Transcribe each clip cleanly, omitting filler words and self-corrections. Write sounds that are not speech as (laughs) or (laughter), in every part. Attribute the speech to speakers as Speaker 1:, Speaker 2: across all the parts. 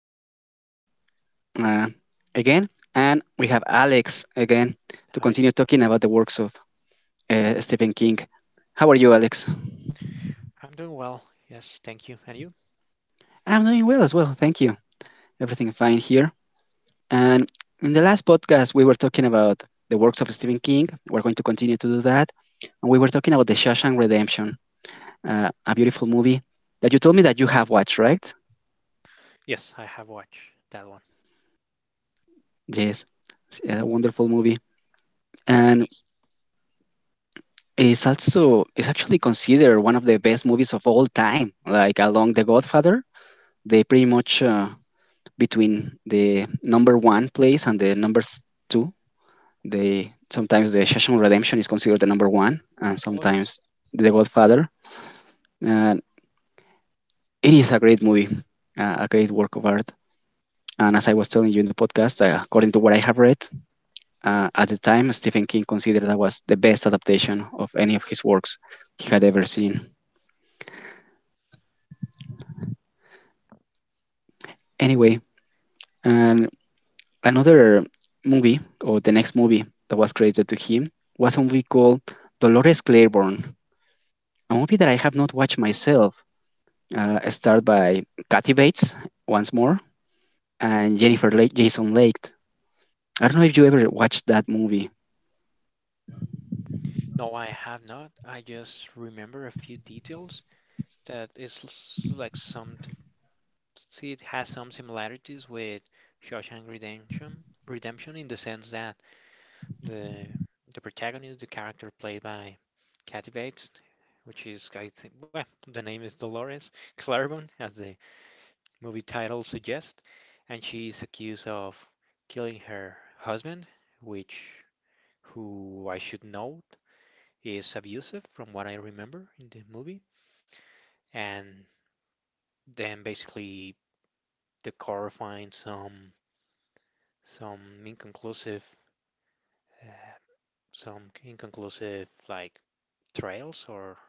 Speaker 1: This is Miguel uh, again, and we have Alex again to
Speaker 2: Hi.
Speaker 1: continue talking about the works of Stephen King. How are you, Alex?
Speaker 2: I'm doing well. Yes, thank you. And you?
Speaker 1: I'm doing well as well. Thank you. Everything fine here. And in the last podcast, we were talking about the works of Stephen King. We're going to continue to do that. And we were talking about The Shawshank Redemption, a beautiful movie that you told me that you have watched, right?
Speaker 2: Yes, I have watched that one.
Speaker 1: Yes, it's a wonderful movie.
Speaker 2: Yes,
Speaker 1: And
Speaker 2: it is.
Speaker 1: is also is actually considered one of the best movies of all time. Like along The Godfather, they pretty much between the number one place and the number two. They sometimes the Shawshank Redemption is considered the number one, and
Speaker 2: Oh,
Speaker 1: sometimes
Speaker 2: yes.
Speaker 1: The Godfather. And it is a great movie, a great work of art. And as I was telling you in the podcast, according to what I have read, at the time Stephen King considered that was the best adaptation of any of his works he had ever seen. Anyway, and another movie or the next movie that was credited to him was a movie called Dolores Claiborne, a movie that I have not watched myself. Starred by Kathy Bates once more and Jennifer Lake, Jason Leigh. I don't know if you ever watched that movie.
Speaker 2: No, I have not. I just remember a few details that is s- like some, see, it has some similarities with Shawshank Redemption, in the sense that the the protagonist, the character played by Kathy Bates, which is, I think, well, the name is Dolores Claiborne as the movie title suggests, and she is accused of killing her husband, which, who I should note, is abusive from what I remember in the movie. And then basically the court finds some inconclusive uh, like trails, or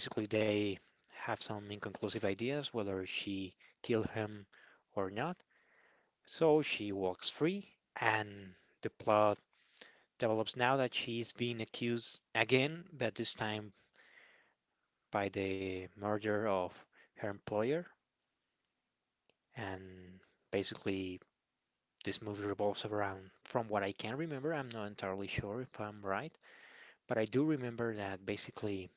Speaker 2: basically they have some inconclusive ideas whether she killed him or not. So she walks free, and the plot develops now that she is being accused again, but this time by the murder of her employer. And basically, this movie revolves around, from what I can remember, I'm not entirely sure if I'm right, but I do remember that basically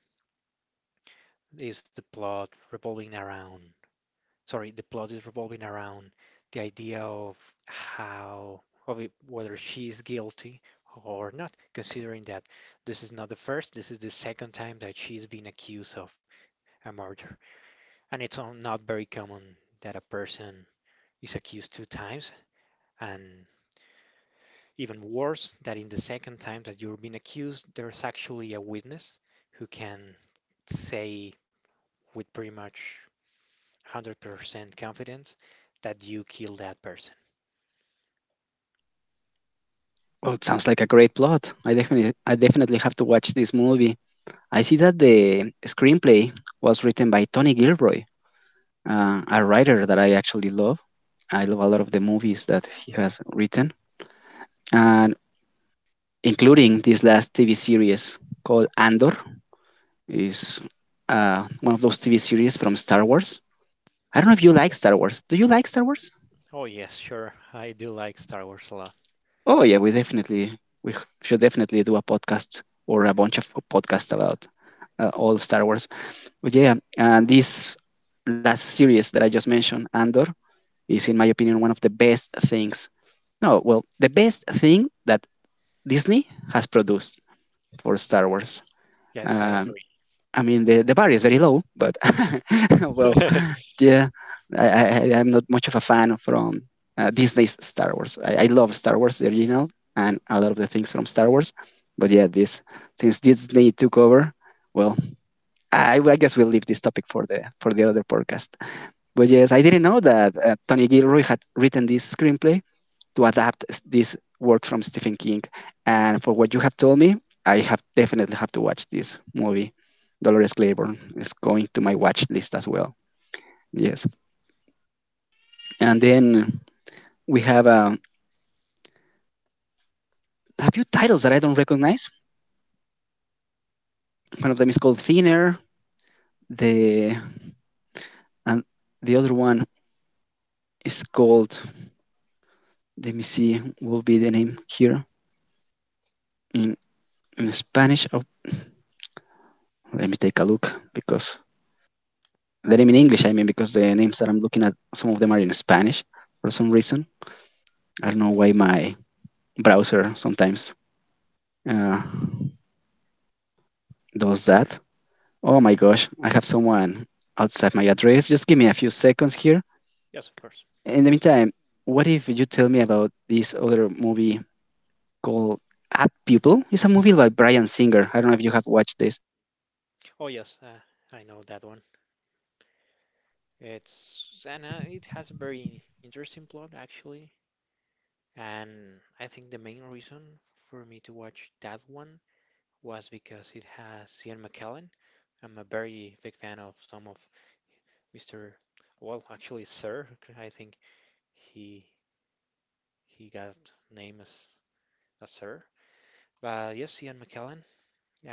Speaker 2: is the plot revolving around, sorry, the plot is revolving around the idea of how, of it, whether she is guilty or not, considering that this is not the first, this is the second time that she's been accused of a murder. And it's not very common that a person is accused two times. And even worse, that in the second time that you're being accused, there's actually a witness who can say with pretty much 100% confidence that you killed that person.
Speaker 1: Oh, it sounds like a great plot. I definitely have to watch this movie. I see that the screenplay was written by Tony Gilroy, a writer that I actually love. I love a lot of the movies that he has written. And including this last TV series called Andor. Is one of those TV series from Star Wars. I don't know if you
Speaker 2: Oh,
Speaker 1: like
Speaker 2: yes.
Speaker 1: Star Wars. Do you like Star Wars?
Speaker 2: Oh, yes, sure. I do like Star Wars a lot.
Speaker 1: Oh yeah, we should definitely do a podcast or a bunch of podcasts
Speaker 2: Yeah.
Speaker 1: about all Star Wars. But yeah, and this last series that I just mentioned, Andor, is in my opinion one of the best things. No, well, the best thing that Disney has produced for Star Wars.
Speaker 2: Yes, I
Speaker 1: Um, I mean, the bar is very low, but (laughs) well,
Speaker 2: agree. (laughs)
Speaker 1: yeah, I'm not much of a fan from Disney's Star Wars. I love Star Wars, the original, and a lot of the things from Star Wars. But yeah, this since Disney took over, well, I guess we'll leave this topic for the other podcast. But yes, I didn't know that Tony Gilroy had written this screenplay, to adapt this work from Stephen King. And for what you have told me, I have definitely have to watch this movie. Dolores Claiborne is going to my watch list as well. Yes. And then we have a few titles that I don't recognize. One of them is called Thinner. The and the other one is called. Let me see. What Will be the name here in, in Spanish. Oh, let me take a look because the name in English. I mean, because the names that I'm looking at, some of them are in Spanish for some reason. I don't know why my browser sometimes uh, does that. Oh my gosh, I have someone outside my address. Just give me a few seconds here.
Speaker 2: Yes, of course.
Speaker 1: In the meantime, what if you tell me about this other movie called App Pupil? It's a movie by Brian Singer. I don't know if you have watched this.
Speaker 2: Oh, yes, I know that one. It's and it has a very interesting plot actually. And I think the main reason for me to watch that one was because it has Ian McKellen. I'm a very big fan of some of Mr. Well, actually, Sir. I think he he got name as a Sir. But yes, Ian McKellen,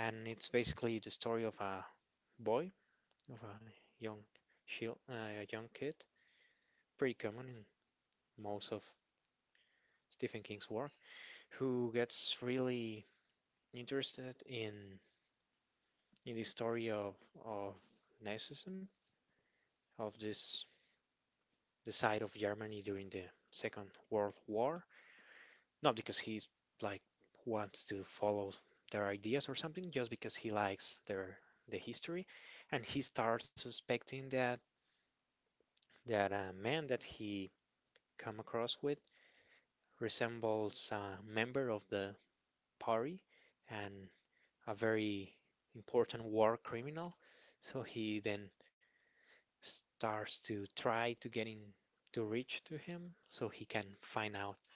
Speaker 2: and it's basically the story of a boy, of young a young kid, pretty common in most of Stephen King's work, who gets really interested in the story of Nazism, of this the side of Germany during the Second World War. Not because he like wants to follow their ideas or something, just because he likes the history, and he starts suspecting that a man that he come across with resembles a member of the party and a very important war criminal. So he then starts to try to get in to reach to him so he can find out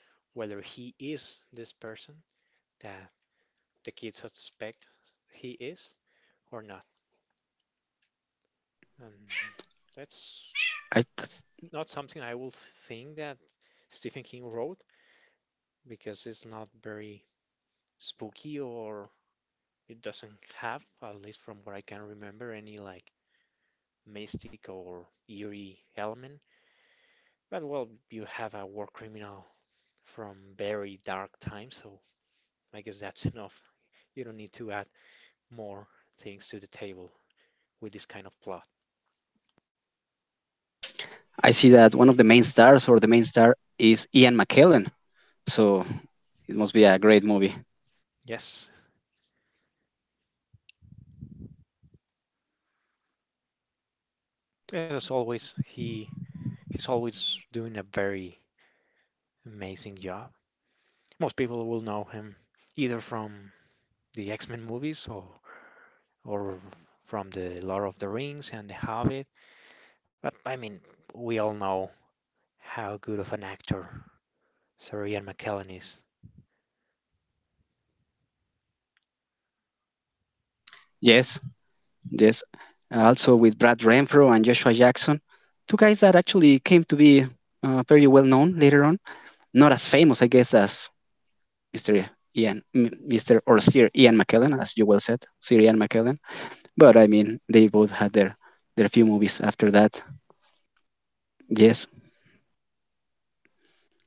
Speaker 2: whether he is this person that the kids suspect he is or not. And that's
Speaker 1: I,
Speaker 2: not something I will think that Stephen King wrote because it's not very spooky, or it doesn't have, at least from what I can remember, any like mystic or eerie element. But well, you have a war criminal from very dark times, so I guess that's (laughs) enough. You don't need to add more things to the table with this kind of plot.
Speaker 1: I see that one of the main stars or the main star is Ian McKellen. So it must be a great movie.
Speaker 2: Yes. Yeah, as always, he's always doing a very amazing job. Most people will know him either from the X-Men movies, or from the Lord of the Rings and The Hobbit. But I mean, we all know how good of an actor Sir Ian McKellen is.
Speaker 1: Yes, yes, also with Brad Renfro and Joshua Jackson, two guys that actually came to be very well known later on. Not as famous, I guess, as Mr. Ian, Mr. or Sir Ian McKellen, as you well said, Sir Ian McKellen. But I mean, they both had their few movies after that. Yes,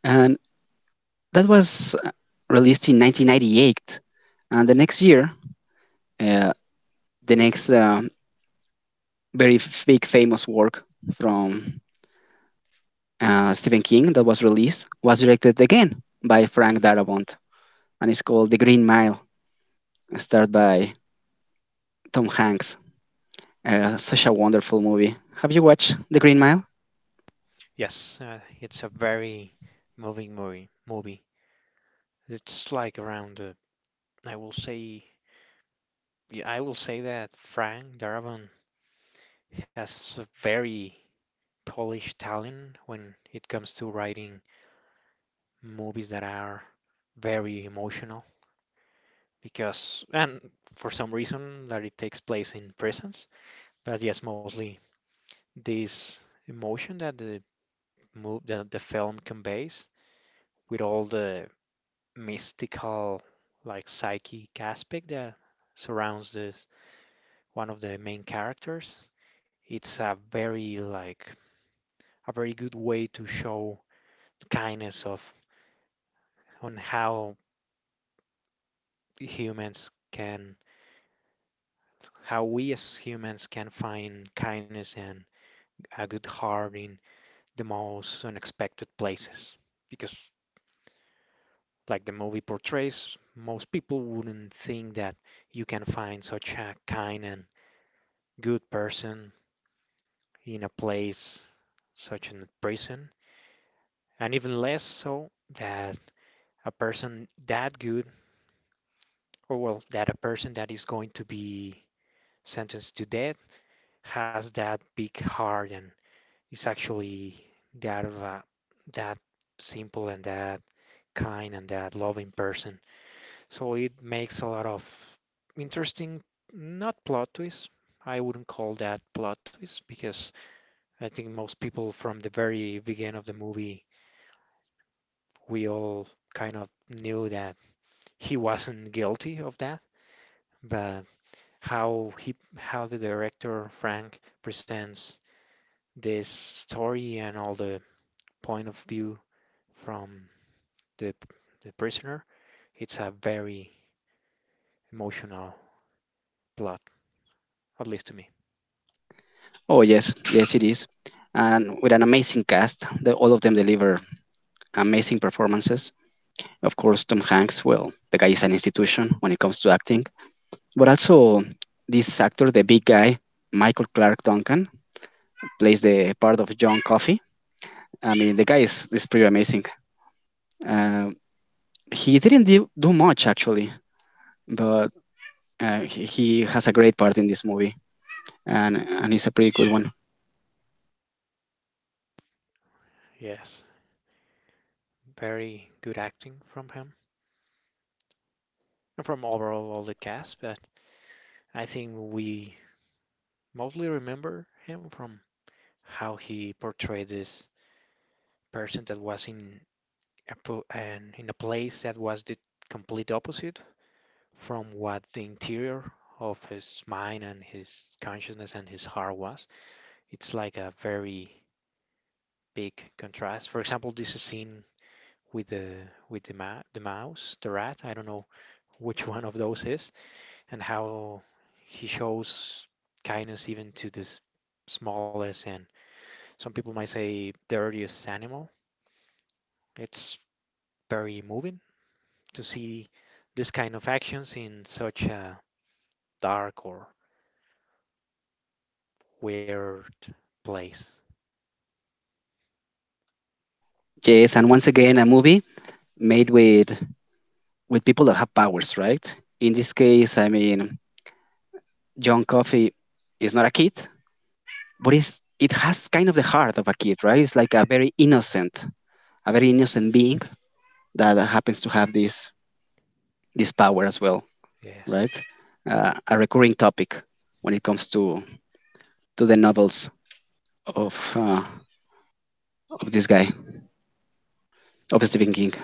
Speaker 1: and that was released in 1998, and the next year, uh, the next very big famous work from Stephen King that was released was directed again by Frank Darabont, and it's called The Green Mile, starred by Tom Hanks. Such a wonderful movie. Have you watched The Green Mile?
Speaker 2: Yes, it's a very moving movie. It's like around, I will I will say that Frank Darabont has a very polished talent when it comes to writing movies that are very emotional, because, and for some reason, that it takes place in prisons. But yes, mostly this emotion that the move that the film conveys, with all the mystical, like psychic aspect that surrounds this, one of the main characters. It's a very like a very good way to show kindness of on how humans can how we as humans can find kindness and a good heart in the most unexpected places. Because like the movie portrays, most people wouldn't think that you can find such a kind and good person in a place such as a prison, and even less so that a person that good, or well, that a person that is going to be sentenced to death has that big heart and is actually that of a, that simple and that kind and that loving person. So it makes a lot of interesting, not plot twists. I wouldn't call that plot twist because I think most people from the very beginning of the movie, we all kind of knew that he wasn't guilty of that. But how the director Frank presents this story and all the point of view from the the prisoner. It's a very emotional plot, at least to me.
Speaker 1: Oh yes, yes it is, and with an amazing cast. The, all of them deliver amazing performances. Of course, Tom Hanks. Well, the guy is an institution when it comes to acting, but also this actor, the big guy, Michael Clark Duncan, plays the part of John Coffey. I mean, is pretty amazing. Uh, he didn't do much actually, but he has a great part in this movie, and it's a pretty good one.
Speaker 2: Yes, very good acting from him and from overall all the cast, but I think we mostly remember him from how he portrayed this person that was in a place that was the complete opposite from what the interior of his mind and his consciousness and his heart was. It's like a very big contrast. For example, this is seen with the with the mouse, the rat. I don't know which (laughs) one of those is, and how he shows kindness even to the smallest and some people might say dirtiest animal. It's very moving to see this kind of actions in such a dark or weird place.
Speaker 1: Yes, and once again, a movie made with people that have powers, right? In this case, I mean, John Coffey is not a kid, but it's, it has kind of the heart of a kid, right? It's like a very innocent being that happens to have this power as well, right?
Speaker 2: Yes.
Speaker 1: A recurring topic when it comes to the novels of uh, of this guy. Of Stephen King.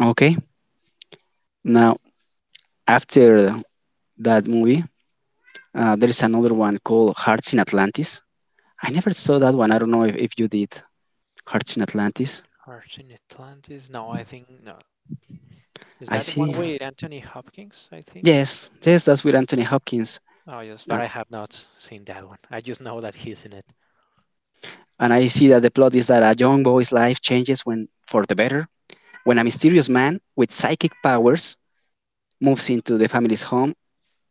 Speaker 1: Okay. Now, after that movie, there is another one called Hearts in Atlantis. I never saw that one. I don't know if you did. Hearts in Atlantis.
Speaker 2: Hearts in Atlantis. No, I think no. Is
Speaker 1: I
Speaker 2: that the one
Speaker 1: see.
Speaker 2: with Anthony Hopkins, I think?
Speaker 1: Yes, yes, that's with Anthony Hopkins.
Speaker 2: Oh, yes,
Speaker 1: And,
Speaker 2: but I have not seen that one. I just know that he's in it.
Speaker 1: and I see that the plot is that a young boy's life changes when, for the better, when a mysterious man with psychic powers moves into the family's home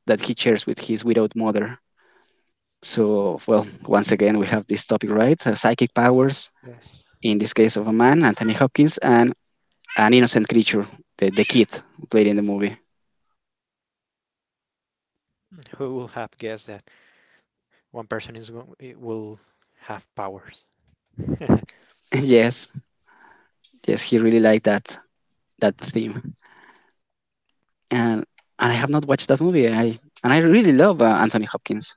Speaker 1: that he shares with his widowed mother. So, well, once again, we have this topic, right? Psychic powers
Speaker 2: Yes.
Speaker 1: in this case of a man, Anthony Hopkins, and an innocent creature, the kid who played in the movie.
Speaker 2: Who will have guessed that one person is go it will have powers? (laughs)
Speaker 1: (laughs) yes, yes, he really liked that theme, and I have not watched that movie. I and I really love Anthony Hopkins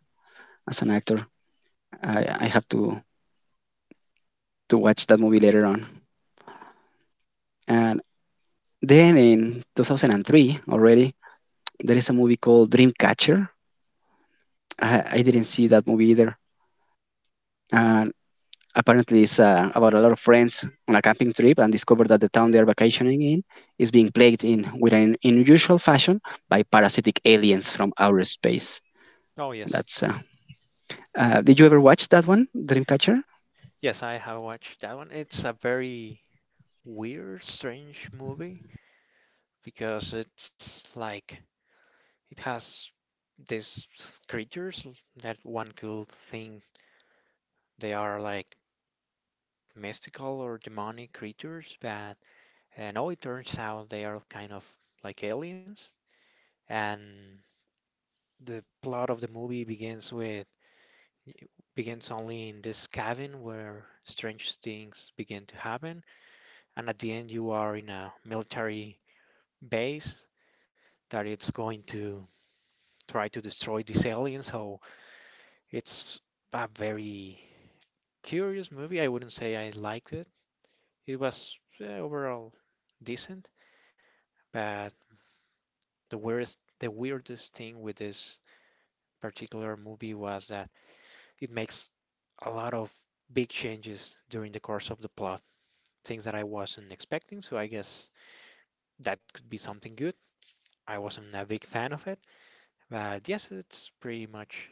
Speaker 1: as an actor. I have to watch that movie later on. And then in 2003 already, there is a movie called Dreamcatcher. I didn't see that movie either. Uh, Apparently, it's about a lot of friends on a camping trip and discover that the town they are vacationing in is being plagued in with an unusual fashion by parasitic aliens from outer space.
Speaker 2: Oh, yes.
Speaker 1: That's. Did you ever watch that one, Dreamcatcher?
Speaker 2: Yes, I have watched that one. It's a very weird, strange movie, because it's like it has these creatures that one could think they are like mystical or demonic creatures, but no, it turns out they are kind of like aliens. And the plot of the movie begins only in this cabin where strange things begin to happen, and at the end you are in a military base that it's going to try to destroy these aliens. So it's a very curious movie. I wouldn't say I liked it. It was overall decent, but the weirdest thing with this particular movie was that it makes a lot of big changes during the course of the plot, things that I wasn't expecting. So I guess that could be something good. I wasn't a big fan of it, but yes, it's pretty much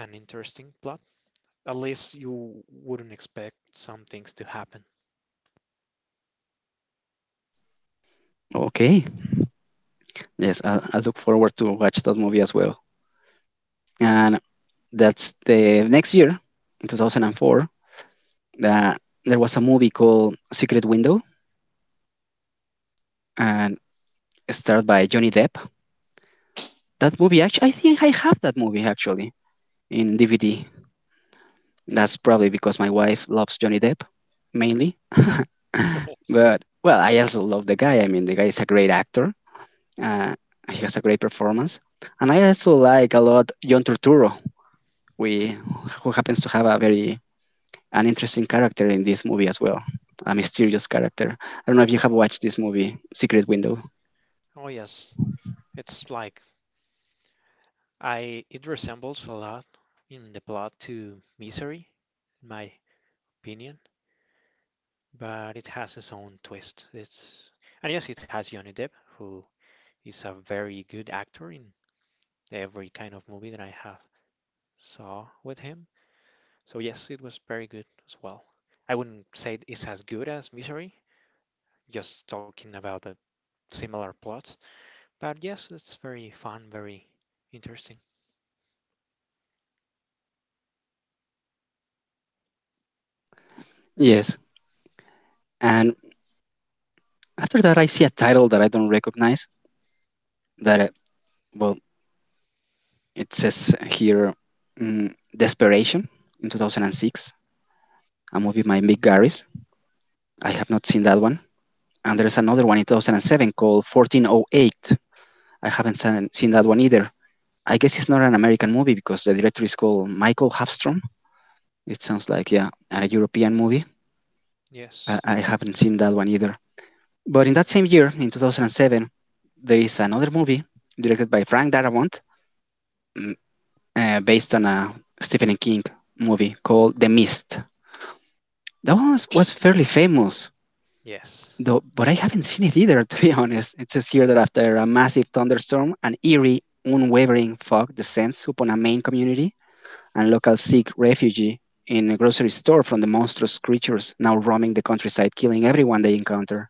Speaker 2: an interesting plot. At least you wouldn't expect some things to happen.
Speaker 1: Okay. Yes, I look forward to watch that movie as well. And that's the next year, in 2004, that there was a movie called Secret Window, and it's starred by Johnny Depp. That movie, actually, I think I have that movie actually in DVD. That's probably because my wife loves Johnny Depp, mainly. (laughs) but well, I also love the guy. I mean, the guy is a great actor. Uh, he has a great performance, and I also like a lot John Turturro, we who happens to have a very an interesting character in this movie as well, a mysterious character. I don't know if you have watched this movie, Secret Window.
Speaker 2: Oh, yes, it's like I it resembles a lot in the plot to Misery, in my opinion. But it has its own twist. It's and yes, it has Johnny Depp, who is a very good actor in every kind of movie that I have saw with him. So yes, it was very good as well. I wouldn't say it's as good as Misery, just talking about the similar plots, but yes, it's very fun, very interesting.
Speaker 1: Yes, and after that, I see a title that I don't recognize. That well, it says here, Desperation in 2006. A movie by Mick Garris. I have not seen that one. And there's another one in 2007 called 1408. I haven't seen that one either. I guess it's not an American movie because the director is called Michael Hafstrom. It sounds like, yeah, a European movie.
Speaker 2: Yes,
Speaker 1: I haven't seen that one either. But in that same year, in 2007, there is another movie directed by Frank Darabont mm, based on a Stephen King movie called The Mist. That one was fairly famous.
Speaker 2: yes,
Speaker 1: Though, but I haven't seen it either, (laughs) to be honest. It says here that after a massive thunderstorm, an eerie, unwavering fog descends upon a Maine community, and locals seek refuge in a grocery store from the monstrous creatures now roaming the countryside, killing everyone they encounter.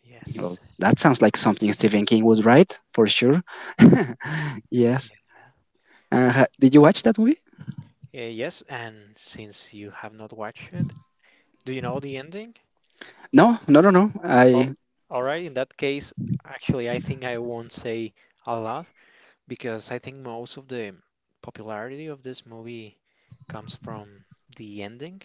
Speaker 2: yes.
Speaker 1: Well, that sounds like something Stephen King would write, for sure. (laughs) yes.
Speaker 2: Yeah. I, uh,
Speaker 1: Did you watch that movie?
Speaker 2: yes, and since you have not watched it, do you know the ending?
Speaker 1: No, no, no, no. I
Speaker 2: Al- All right, in that case, actually, I think I won't say a lot because I think most of the popularity of this movie comes from the ending.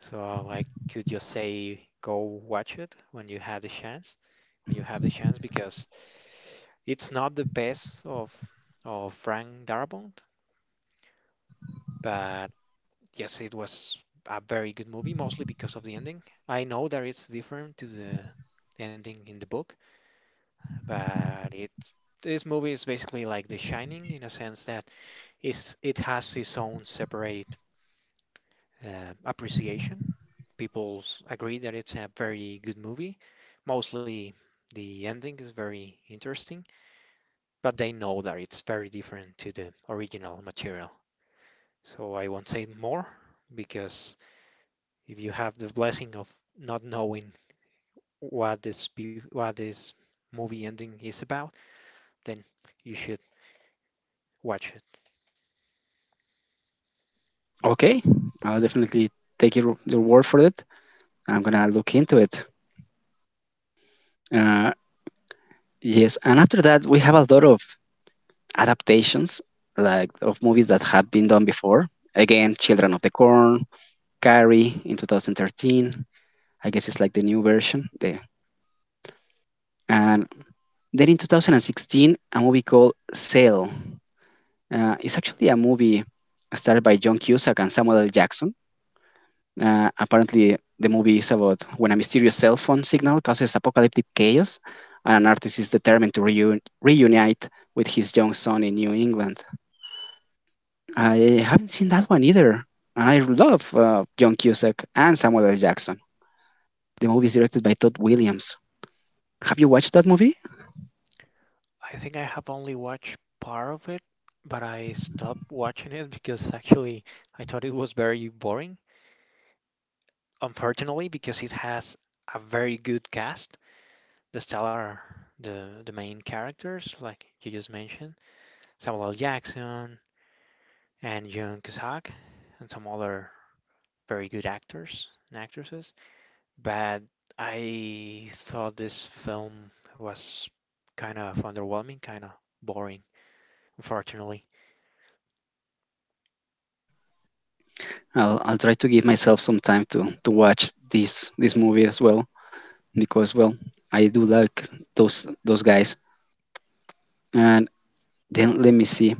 Speaker 2: So I could just say go watch it when you have the chance, because it's not the best of Frank Darabont, but yes, it was a very good movie, mostly because of the ending. I know that it's different to the ending in the book. But it, this movie is basically like The Shining in a sense that it has its own separate appreciation. People agree that it's a very good movie. Mostly the ending is very interesting, but they know that it's very different to the original material. So I won't say more because if you have the blessing of not knowing what this what this movie ending is about, then you should watch.
Speaker 1: okay. I'll definitely take your word for it. I'm gonna look into it. Uh, Yes, and after that, we have a lot of adaptations, like of movies that have been done before. Again, Children of the Corn, Carrie in 2013. I guess it's like the new version. The, and then in 2016, a movie called Sail. It's actually a movie started by John Cusack and Samuel L. Jackson. Apparently, the movie is about when a mysterious cell phone signal causes apocalyptic chaos, and an artist is determined to reunite with his young son in New England. I haven't seen that one either, and I love John Cusack and Samuel L. Jackson. The movie is directed by Todd Williams. Have you watched that movie?
Speaker 2: I think I have only watched part of it, but I stopped watching it because actually I thought it was very boring. Unfortunately, because it has a very good cast. The stellar, the main characters, like you just mentioned, Samuel L. Jackson and Jung Cusack, and some other very good actors and actresses. But I thought this film was kind of underwhelming, kind of boring, unfortunately.
Speaker 1: I'll try to give myself some time to watch this movie as well because well I do like those guys. And then let me see.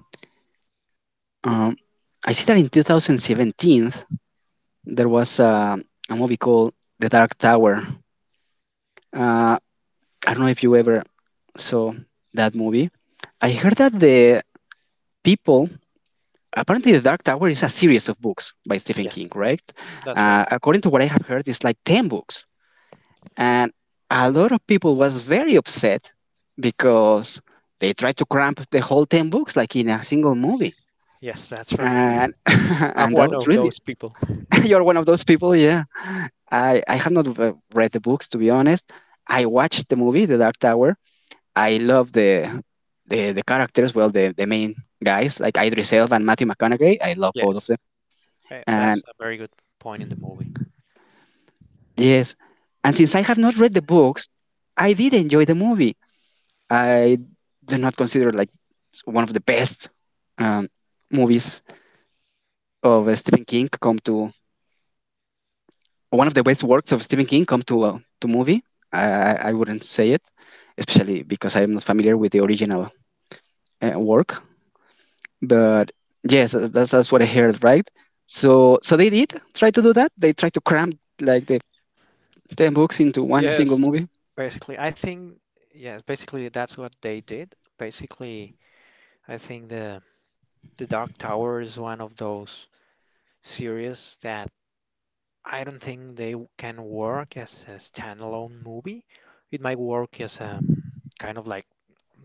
Speaker 1: Um, I see that in 2017 there was a movie called The Dark Tower. Uh, I don't know if you ever saw that movie. I heard that the people apparently the Dark Tower is a series of books by Stephen King,
Speaker 2: Yes,
Speaker 1: correct?
Speaker 2: that's right.
Speaker 1: According to what I have heard, it's like 10 books, and a lot of people was very upset because they tried to cramp the whole 10 books like in a single movie.
Speaker 2: Yes, that's right.
Speaker 1: And (laughs)
Speaker 2: I'm
Speaker 1: and that
Speaker 2: one
Speaker 1: was
Speaker 2: of
Speaker 1: really.
Speaker 2: those people.
Speaker 1: (laughs) You're one of those people, yeah. I have not read the books, to be honest. I watched the movie The Dark Tower. I love the the characters, well the main guys, like Idris Elba and Matthew McConaughey. I love both of
Speaker 2: Yes.
Speaker 1: them. And
Speaker 2: That's a very good point in the movie.
Speaker 1: yes. And since I have not read the books, I did enjoy the movie. I do not consider it like one of the best um, movies of Stephen King come to one of the best works of Stephen King come to movie. I wouldn't say it, especially because I am not familiar with the original work. But yes, that's what I heard, right? So they did try to do that. They tried to cram like the ten books into one single
Speaker 2: Yes,
Speaker 1: movie.
Speaker 2: basically, I think yes, basically that's what they did. Basically, I think the Dark Tower is one of those series that I don't think they can work as a standalone movie. It might work as a kind of like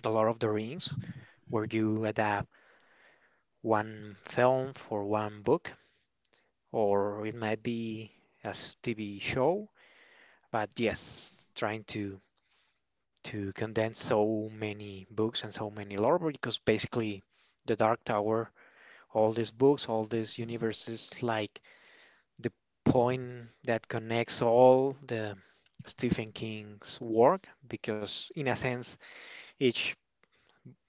Speaker 2: The Lord of the Rings, where you adapt one film for one book, or it might be as TV show. But yes, trying to condense so many books and so many lore, because basically the Dark Tower, all these books, all these universes, like the point that connects all the Stephen King's work, because in a sense each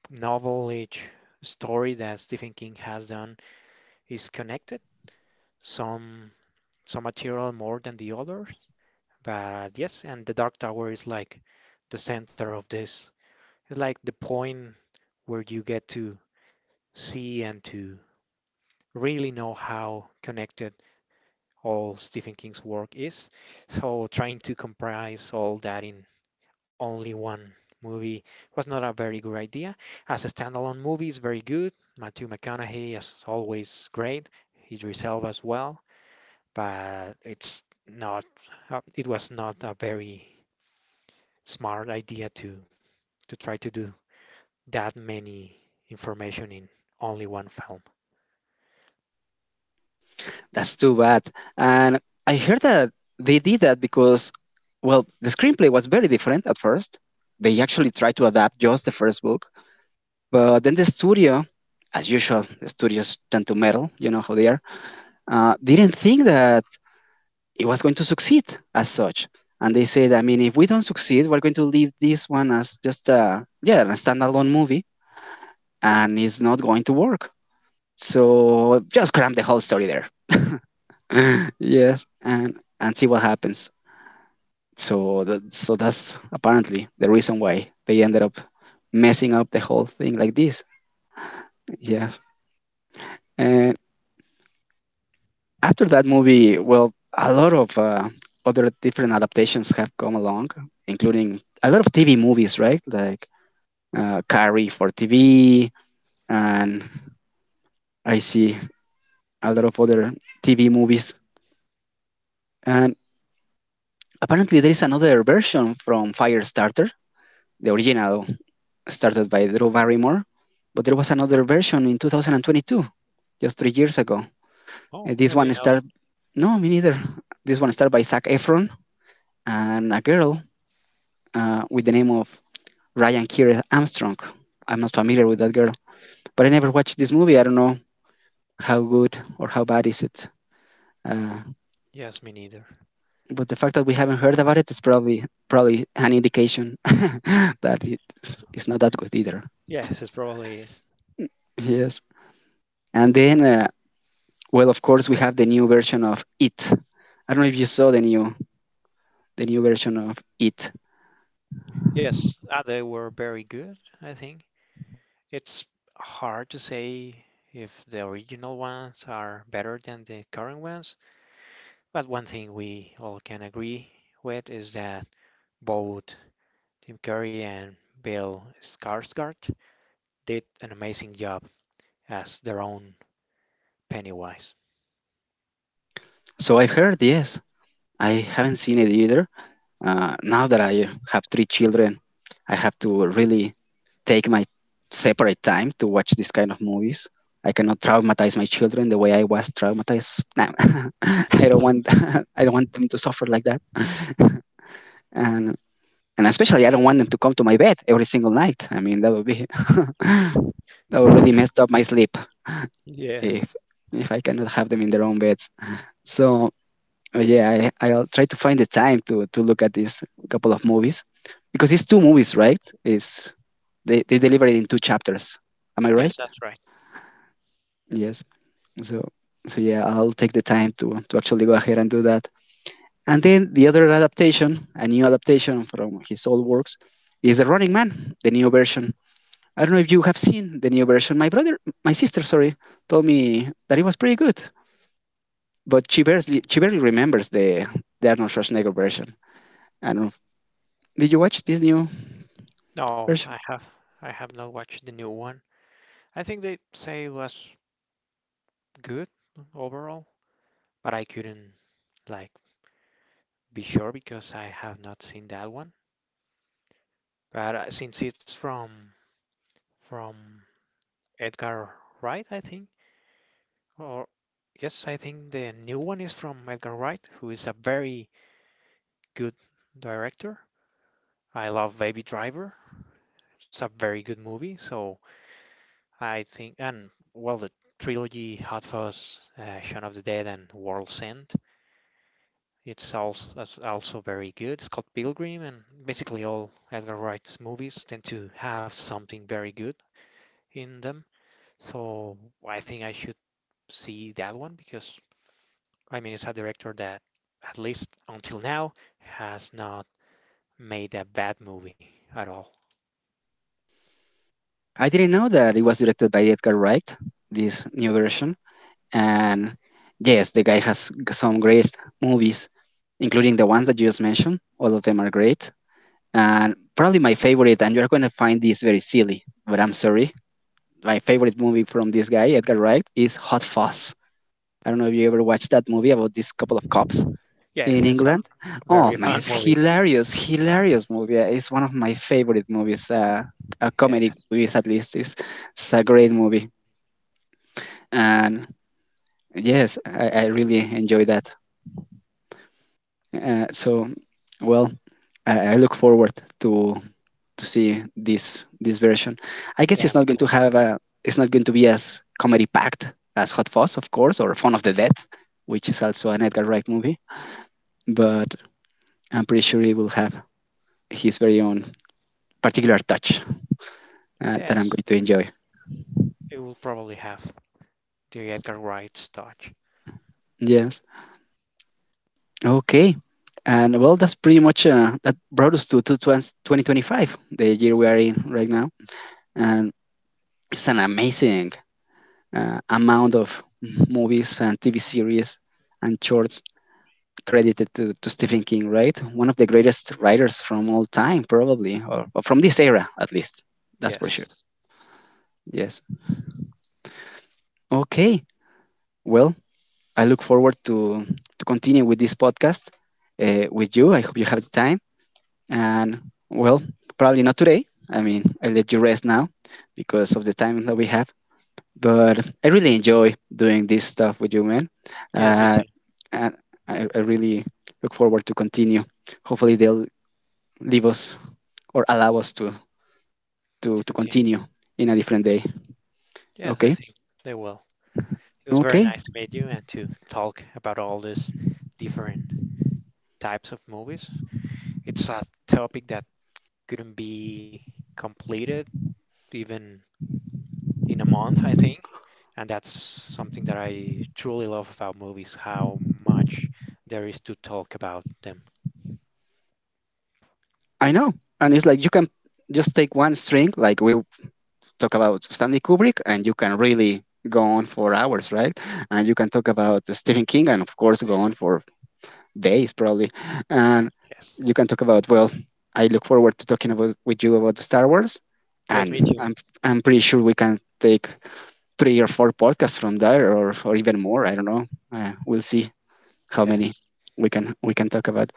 Speaker 2: novel, each story that Stephen King has done is connected. Some some material more than the others. But yes, and the Dark Tower is like the center of this. It's like the point where you get to see and to really know how connected all Stephen King's work is. So trying to comprise all that in only one movie was not a very good idea. As a standalone movie, it's very good. Matthew McConaughey is always great. Idris Elba as well, but it's not. It was not a very smart idea to try to do that many information in only one film.
Speaker 1: That's too bad. And I heard that they did that because, well, the screenplay was very different at first. They actually tried to adapt just the first book, but then the studio, as usual, the studios tend to meddle, you know how they are, didn't think that it was going to succeed as such. And they said, I mean, if we don't succeed, we're going to leave this one as just a, yeah, a standalone movie, and it's not going to work. So just cram the whole story there. (laughs) (laughs) Yes, and see what happens. So that's apparently the reason why they ended up messing up the whole thing like this. Yeah, and after that movie, well, a lot of other different adaptations have come along, including a lot of TV movies, right? Like Carrie for TV, and I see a lot of other TV movies. And apparently, there is another version from Firestarter, the original started by Drew Barrymore. But there was another version in 2022, just 3 years ago. And
Speaker 2: Oh,
Speaker 1: this
Speaker 2: I
Speaker 1: one
Speaker 2: didn't know
Speaker 1: started,
Speaker 2: that.
Speaker 1: no, me neither. This one started by Zac Efron and a girl with the name of Ryan Keira Armstrong. I'm not familiar with that girl, but I never watched this movie. I don't know how good or how bad is it. Uh,
Speaker 2: Yes, me neither.
Speaker 1: but the fact that we haven't heard about it is probably an indication (laughs) that it is not that good either.
Speaker 2: Yes, it probably is.
Speaker 1: Yes. And then well, of course, we have the new version of It. I don't know if you saw the new version of It.
Speaker 2: Yes, they were very good, I think. It's hard to say if the original ones are better than the current ones, but one thing we all can agree with is that both Tim Curry and Bill Skarsgård did an amazing job as their own Pennywise. (laughs)
Speaker 1: So I've heard, yes. I haven't seen it either. Now that I have three children, I have to really take my separate time to watch this kind of movies. I cannot traumatize my children the way I was traumatized. No, (laughs) I don't want (laughs) I don't want them to suffer like that. (laughs) and and especially I don't want them to come to my bed every single night. I mean that would be (laughs) that would really mess up my sleep.
Speaker 2: Yes.
Speaker 1: if if I cannot have them in their own beds. So yeah, I'll try to find the time to look at these couple of movies because it's two movies, right? It's they deliver it in two chapters. Am I
Speaker 2: Yes,
Speaker 1: right?
Speaker 2: that's right.
Speaker 1: Yes. So so yeah, I'll take the time to actually go ahead and do that. And then the other adaptation, a new adaptation from his old works, is The Running Man, the new version. I don't know if you have seen the new version. My brother, my sister, sorry, told me that it was pretty good. But she barely remembers the Arnold Schwarzenegger version. I don't know. Did you watch this new
Speaker 2: No,
Speaker 1: version?
Speaker 2: I have not watched the new one. I think they'd say it was good overall, but I couldn't like be sure because I have not seen that one. But since it's from Edgar Wright, I think, or yes, I think the new one is from Edgar Wright, who is a very good director. I love Baby Driver. It's a very good movie, so I think, and well, the trilogy Hot Fuzz, Shaun of the Dead, and World's End, it's also very good. Scott Pilgrim and basically all Edgar Wright's movies tend to have something very good in them. So I think I should see that one because I mean it's a director that at least until now has not made a bad movie at all.
Speaker 1: I didn't know that it was directed by Edgar Wright, this new version. And yes, the guy has some great movies, including the ones that you just mentioned. All of them are great. And probably my favorite, and you're going to find this very silly, but I'm sorry. My favorite movie from this guy, Edgar Wright, is Hot Fuzz. I don't know if you ever watched that movie about this couple of cops
Speaker 2: Yes,
Speaker 1: in
Speaker 2: it's a
Speaker 1: England.
Speaker 2: very
Speaker 1: Oh my,
Speaker 2: fun
Speaker 1: it's
Speaker 2: movie.
Speaker 1: hilarious, hilarious movie. It's one of my favorite movies. A comedy
Speaker 2: Yes.
Speaker 1: movies at least. It's a great movie, and yes, I really enjoy that. So, well, I look forward to to see this version. I
Speaker 2: Yeah,
Speaker 1: guess it's
Speaker 2: me
Speaker 1: not
Speaker 2: too.
Speaker 1: going to have a, it's not going to be as comedy packed as Hot Fuzz, of course, or Fun of the Dead, which is also an Edgar Wright movie. But I'm pretty sure he will have his very own particular touch that I'm
Speaker 2: Yes.
Speaker 1: going to enjoy.
Speaker 2: It will probably have the Edgar Wright's touch.
Speaker 1: Yes. Okay. And well, that's pretty much that brought us to 2025, the year we are in right now. And it's an amazing amount of movies and TV series and shorts credited to Stephen King, right? One of the greatest writers from all time, probably, or from this era at least. That's for
Speaker 2: Yes.
Speaker 1: sure. Yes. Okay. Well, I look forward to continue with this podcast with you. I hope you have the time. And well, probably not today. I mean, I let you rest now because of the time that we have. But I really enjoy doing this stuff with you, man.
Speaker 2: Yes, me too.
Speaker 1: Uh, and I really look forward to continue. Hopefully, they'll leave us or allow us
Speaker 2: To
Speaker 1: to
Speaker 2: continue.
Speaker 1: continue in a different day.
Speaker 2: Yes, I
Speaker 1: Okay.
Speaker 2: think they will. It was very
Speaker 1: Okay.
Speaker 2: nice to meet you and to talk about all these different types of movies. It's a topic that couldn't be completed even in a month, I think. And that's something that I truly love about movies, how much there is to talk about them.
Speaker 1: I know. And it's like you can just take one string, like we talk about Stanley Kubrick, and you can really go on for hours, right? And you can talk about Stephen King, and of course, go on for days probably. And
Speaker 2: Yes.
Speaker 1: you can talk about, well, I look forward to talking about with you about the Star Wars.
Speaker 2: Yes, me
Speaker 1: and
Speaker 2: too.
Speaker 1: i'm i'm pretty sure we can take three or four podcasts from there, or even more, I don't know. We'll see how many
Speaker 2: Yes.
Speaker 1: we can talk about.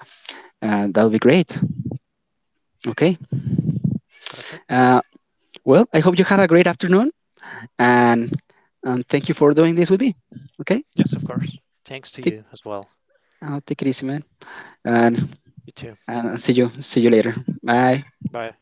Speaker 1: That'll be great. Okay.
Speaker 2: Perfect.
Speaker 1: uh, well, I hope you have a great afternoon. And thank you for doing this with me. Okay.
Speaker 2: Yes, of course. Thanks to you
Speaker 1: Take
Speaker 2: as well.
Speaker 1: take it easy, man. and
Speaker 2: You too.
Speaker 1: and see you later. Bye.
Speaker 2: Bye.